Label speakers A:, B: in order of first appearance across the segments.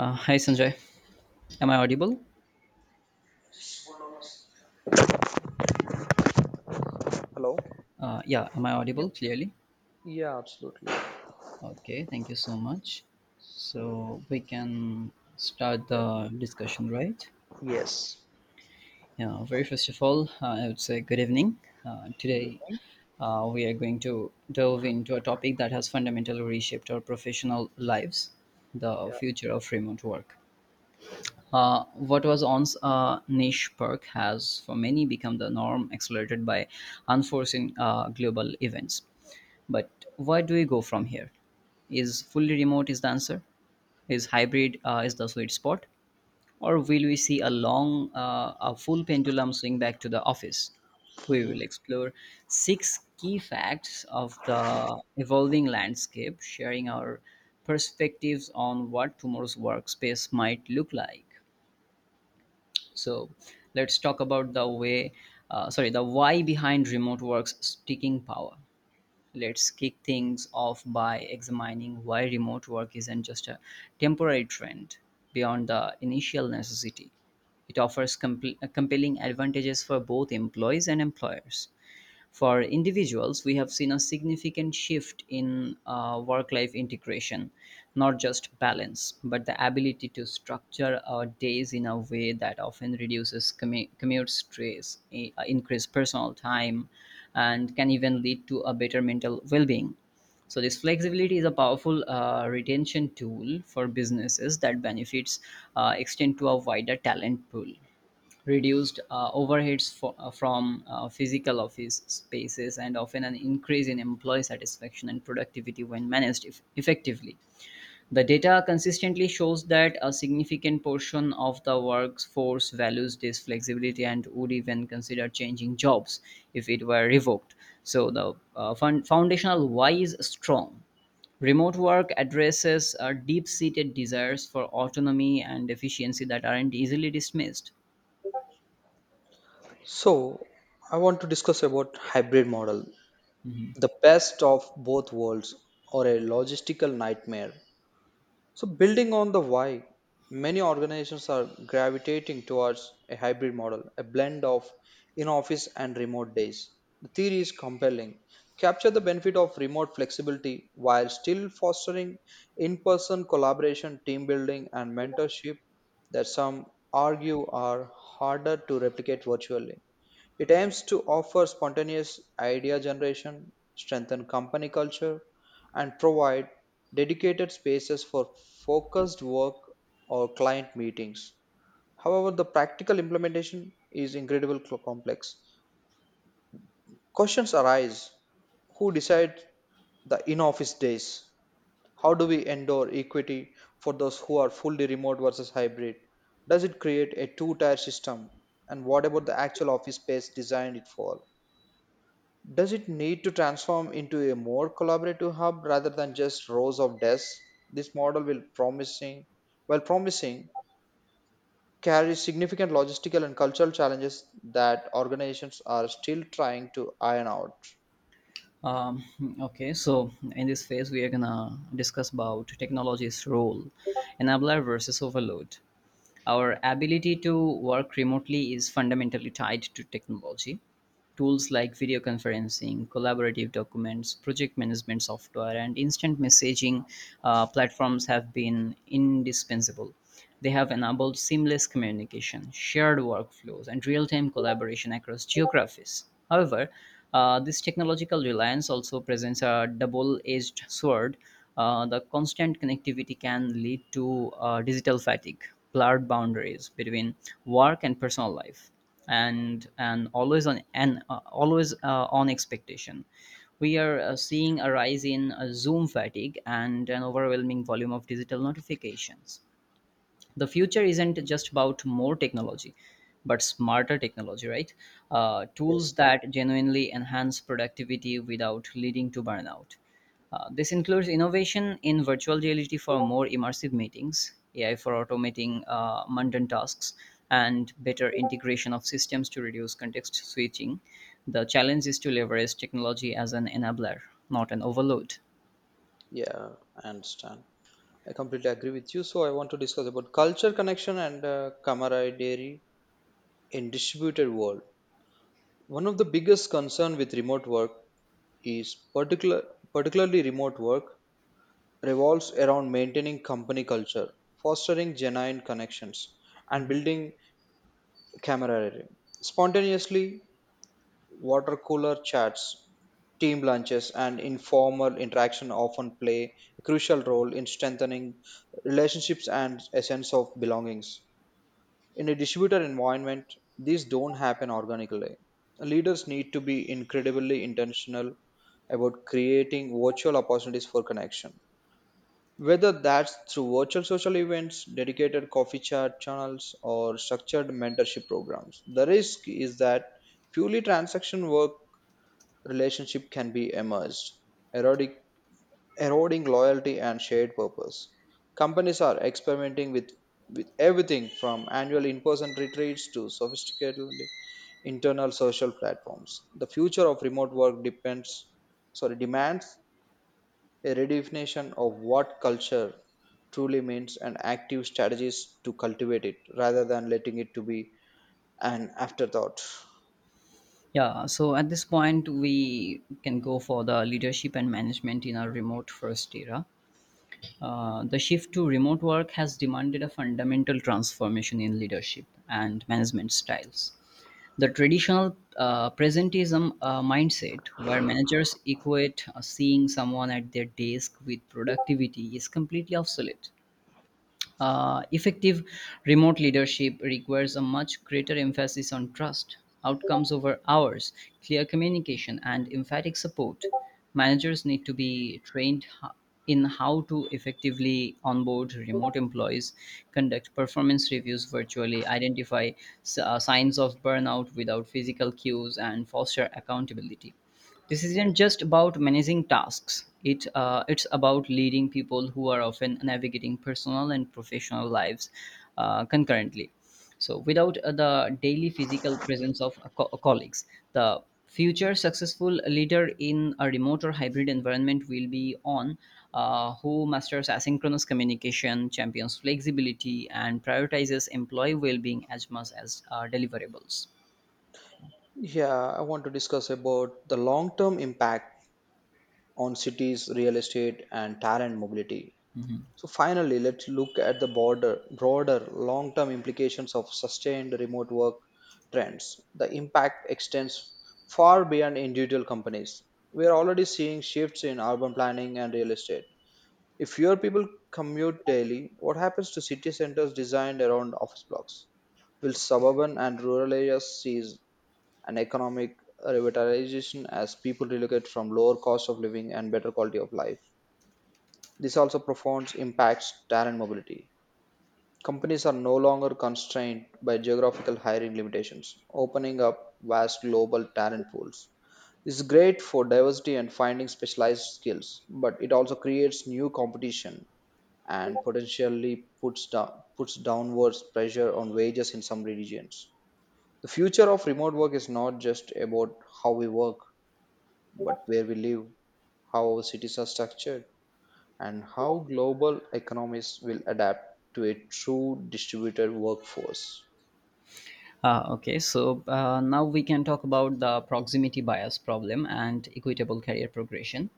A: Hi Sanjay, am I audible?
B: Hello.
A: Yeah, am I
B: Yeah,
A: audible clearly?
B: yeah, absolutely.
A: Okay, thank you so much.
B: So,
A: So we can start
B: yeah,
A: the discussion, right?
B: yes.
A: Yeah, very first of all, I would say good evening. Uh,
B: Good
A: today,
B: morning.
A: uh, we are going to delve into a topic that has fundamentally reshaped our professional lives, the
B: Yeah.
A: future of remote work. What was once a niche perk has for many become the norm, accelerated by unforeseen global events. But where do we go from here? Is fully remote is the answer? Is hybrid is the sweet spot? Or will we see a a full pendulum swing back to the office? We will
B: Mhm.
A: explore six key facts of the evolving landscape, sharing our perspectives on what tomorrow's workspace might look like. So let's talk about the why behind remote work's sticking power. Let's kick things off by examining why remote work isn't just a temporary trend beyond the initial necessity. It offers compelling advantages for both employees and employers. For individuals, we have seen a significant shift in work life integration, not just balance, but the ability to structure our days in a way that often reduces commute stress, increase personal time, and can even lead to a better mental well being. So this flexibility is a powerful retention tool for businesses that benefits extend to a wider talent pool, reduced overheads from physical office spaces and often an increase in employee satisfaction and productivity when managed effectively. The data consistently shows that a significant portion of the workforce values this flexibility and would even consider changing jobs if it were revoked. So, the foundational why is strong. Remote work addresses deep seated desires for autonomy and efficiency that aren't easily dismissed.
B: So, I want to discuss about hybrid model, the best of both worlds or a logistical nightmare. So, building on the why, many organizations are gravitating towards a hybrid model, a blend of in office and remote days. The theory is compelling. Capture the benefit of remote flexibility while still fostering in person collaboration, team building, and mentorship that some argue are harder to replicate virtually. It aims to offer spontaneous idea generation, strengthen company culture, and provide dedicated spaces for focused work or client meetings. However, the practical implementation is incredibly complex. Questions arise, who decides the in office days? How do we endure equity for those who are fully remote versus hybrid? Does it create a two tier system? And what about the actual office space designed it for? Does it need to transform into a more collaborative hub rather than just rows of desks? This model will promising, while promising, carries significant logistical and cultural challenges that organizations are still trying to iron out.
A: Um, okay, so in this phase, we are gonna discuss about technology's role, enabler versus overload. Our ability to work remotely is fundamentally tied to technology. Tools like video conferencing, collaborative documents, project management software, and instant messaging platforms have been indispensable. They have enabled seamless communication, shared workflows, and real time collaboration across geographies. However, this technological reliance also presents a double edged sword. The constant connectivity can lead to digital fatigue, blurred boundaries between work and personal life, and always on expectation. We are seeing a rise in zoom fatigue and an overwhelming volume of digital notifications. The future isn't just about more technology but smarter technology, right? Tools
B: Yes,
A: that genuinely enhance productivity without leading to burnout, this includes innovation in virtual reality for more immersive meetings, ai for automating mundane tasks, and better integration of systems to reduce context switching. The challenge is to leverage technology as an enabler, not an overload.
B: yeah, I understand. I completely agree with you. So I want to discuss about culture connection and camaraderie in distributed world. One of the biggest concern with remote work is particular particularly remote work revolves around maintaining company culture, fostering genuine connections, and building camaraderie. Spontaneously, water cooler chats, team lunches, and informal interaction often play a crucial role in strengthening relationships and a sense of belongings. In a distributor environment, these don't happen organically. Leaders need to be incredibly intentional about creating virtual opportunities for connection. Whether that's through virtual social events, dedicated coffee chat channels, or structured mentorship programs, the risk is that purely transaction work relationship can be emerged, eroding, eroding loyalty and shared purpose. Companies are experimenting with everything from annual in-person retreats to sophisticated internal social platforms. The future of remote work demands a redefinition of what culture truly means and active strategies to cultivate it rather than letting it to be an afterthought.
A: Yeah, so at this point, we can go for the leadership and management in a remote first era. The shift to remote work has demanded a fundamental transformation in leadership and management styles. The traditional presentism mindset, where managers equate seeing someone at their desk with productivity, is completely obsolete. Effective remote leadership requires a much greater emphasis on trust, outcomes over hours, clear communication, and emphatic support. Managers need to be trained in how to effectively onboard remote employees, conduct performance reviews virtually, identify signs of burnout without physical cues, and foster accountability. This isn't just about managing tasks; it's about leading people who are often navigating personal and professional lives concurrently. So, without the daily physical presence of colleagues, the future successful leader in a remote or hybrid environment will be on, who masters asynchronous communication, champions flexibility, and prioritizes employee well-being as much as deliverables.
B: Yeah, I want to discuss about the long-term impact on cities, real estate, and talent mobility.
A: Mhm.
B: So finally, let's look at the broader long-term implications of sustained remote work trends. The impact extends far beyond individual companies. We are already seeing shifts in urban planning and real estate. If fewer people commute daily, what happens to city centers designed around office blocks? Will suburban and rural areas seize an economic revitalization as people relocate from lower cost of living and better quality of life? This also profound impacts talent mobility. Companies are no longer constrained by geographical hiring limitations, opening up vast global talent pools. This is great for diversity and finding specialized skills, but it also creates new competition and potentially puts downwards pressure on wages in some regions. The future of remote work is not just about how we work, but where we live, how our cities are structured, and how global economies will adapt to a true distributed workforce.
A: Now we can talk about the proximity bias problem and equitable career progression.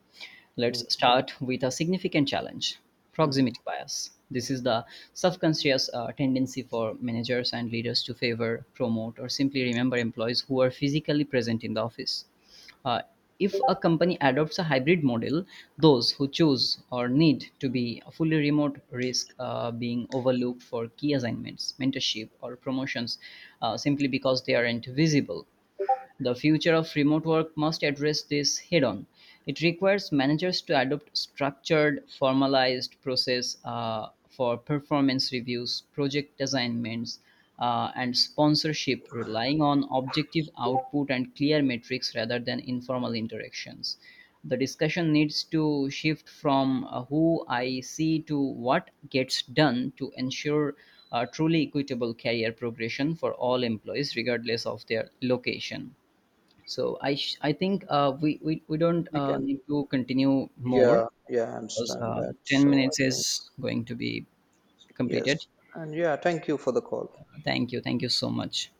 A: Let's
B: Mhm,
A: start with a significant challenge,
B: mhm.
A: proximity bias. This is the subconscious tendency for managers and leaders to favor, promote, or simply remember employees who are physically present in the office. Uh, if a company adopts a hybrid model, those who choose or need to be fully remote risk being overlooked for key assignments, mentorship, or promotions simply because they aren't visible. The future of remote work must address this head on. It requires managers to adopt structured, formalized process for performance reviews, project assignments, and sponsorship, relying on objective output and clear metrics rather than informal interactions. The discussion needs to shift from who I see to what gets done to ensure truly equitable career progression for all employees, regardless of their location. So I think we don't
B: We
A: need
B: can,
A: to continue more
B: yeah, yeah, I
A: because
B: understand that.
A: ten
B: So I
A: minutes
B: think,
A: is going to be completed.
B: yes. And yeah, thank you for the call.
A: Thank thank you so much.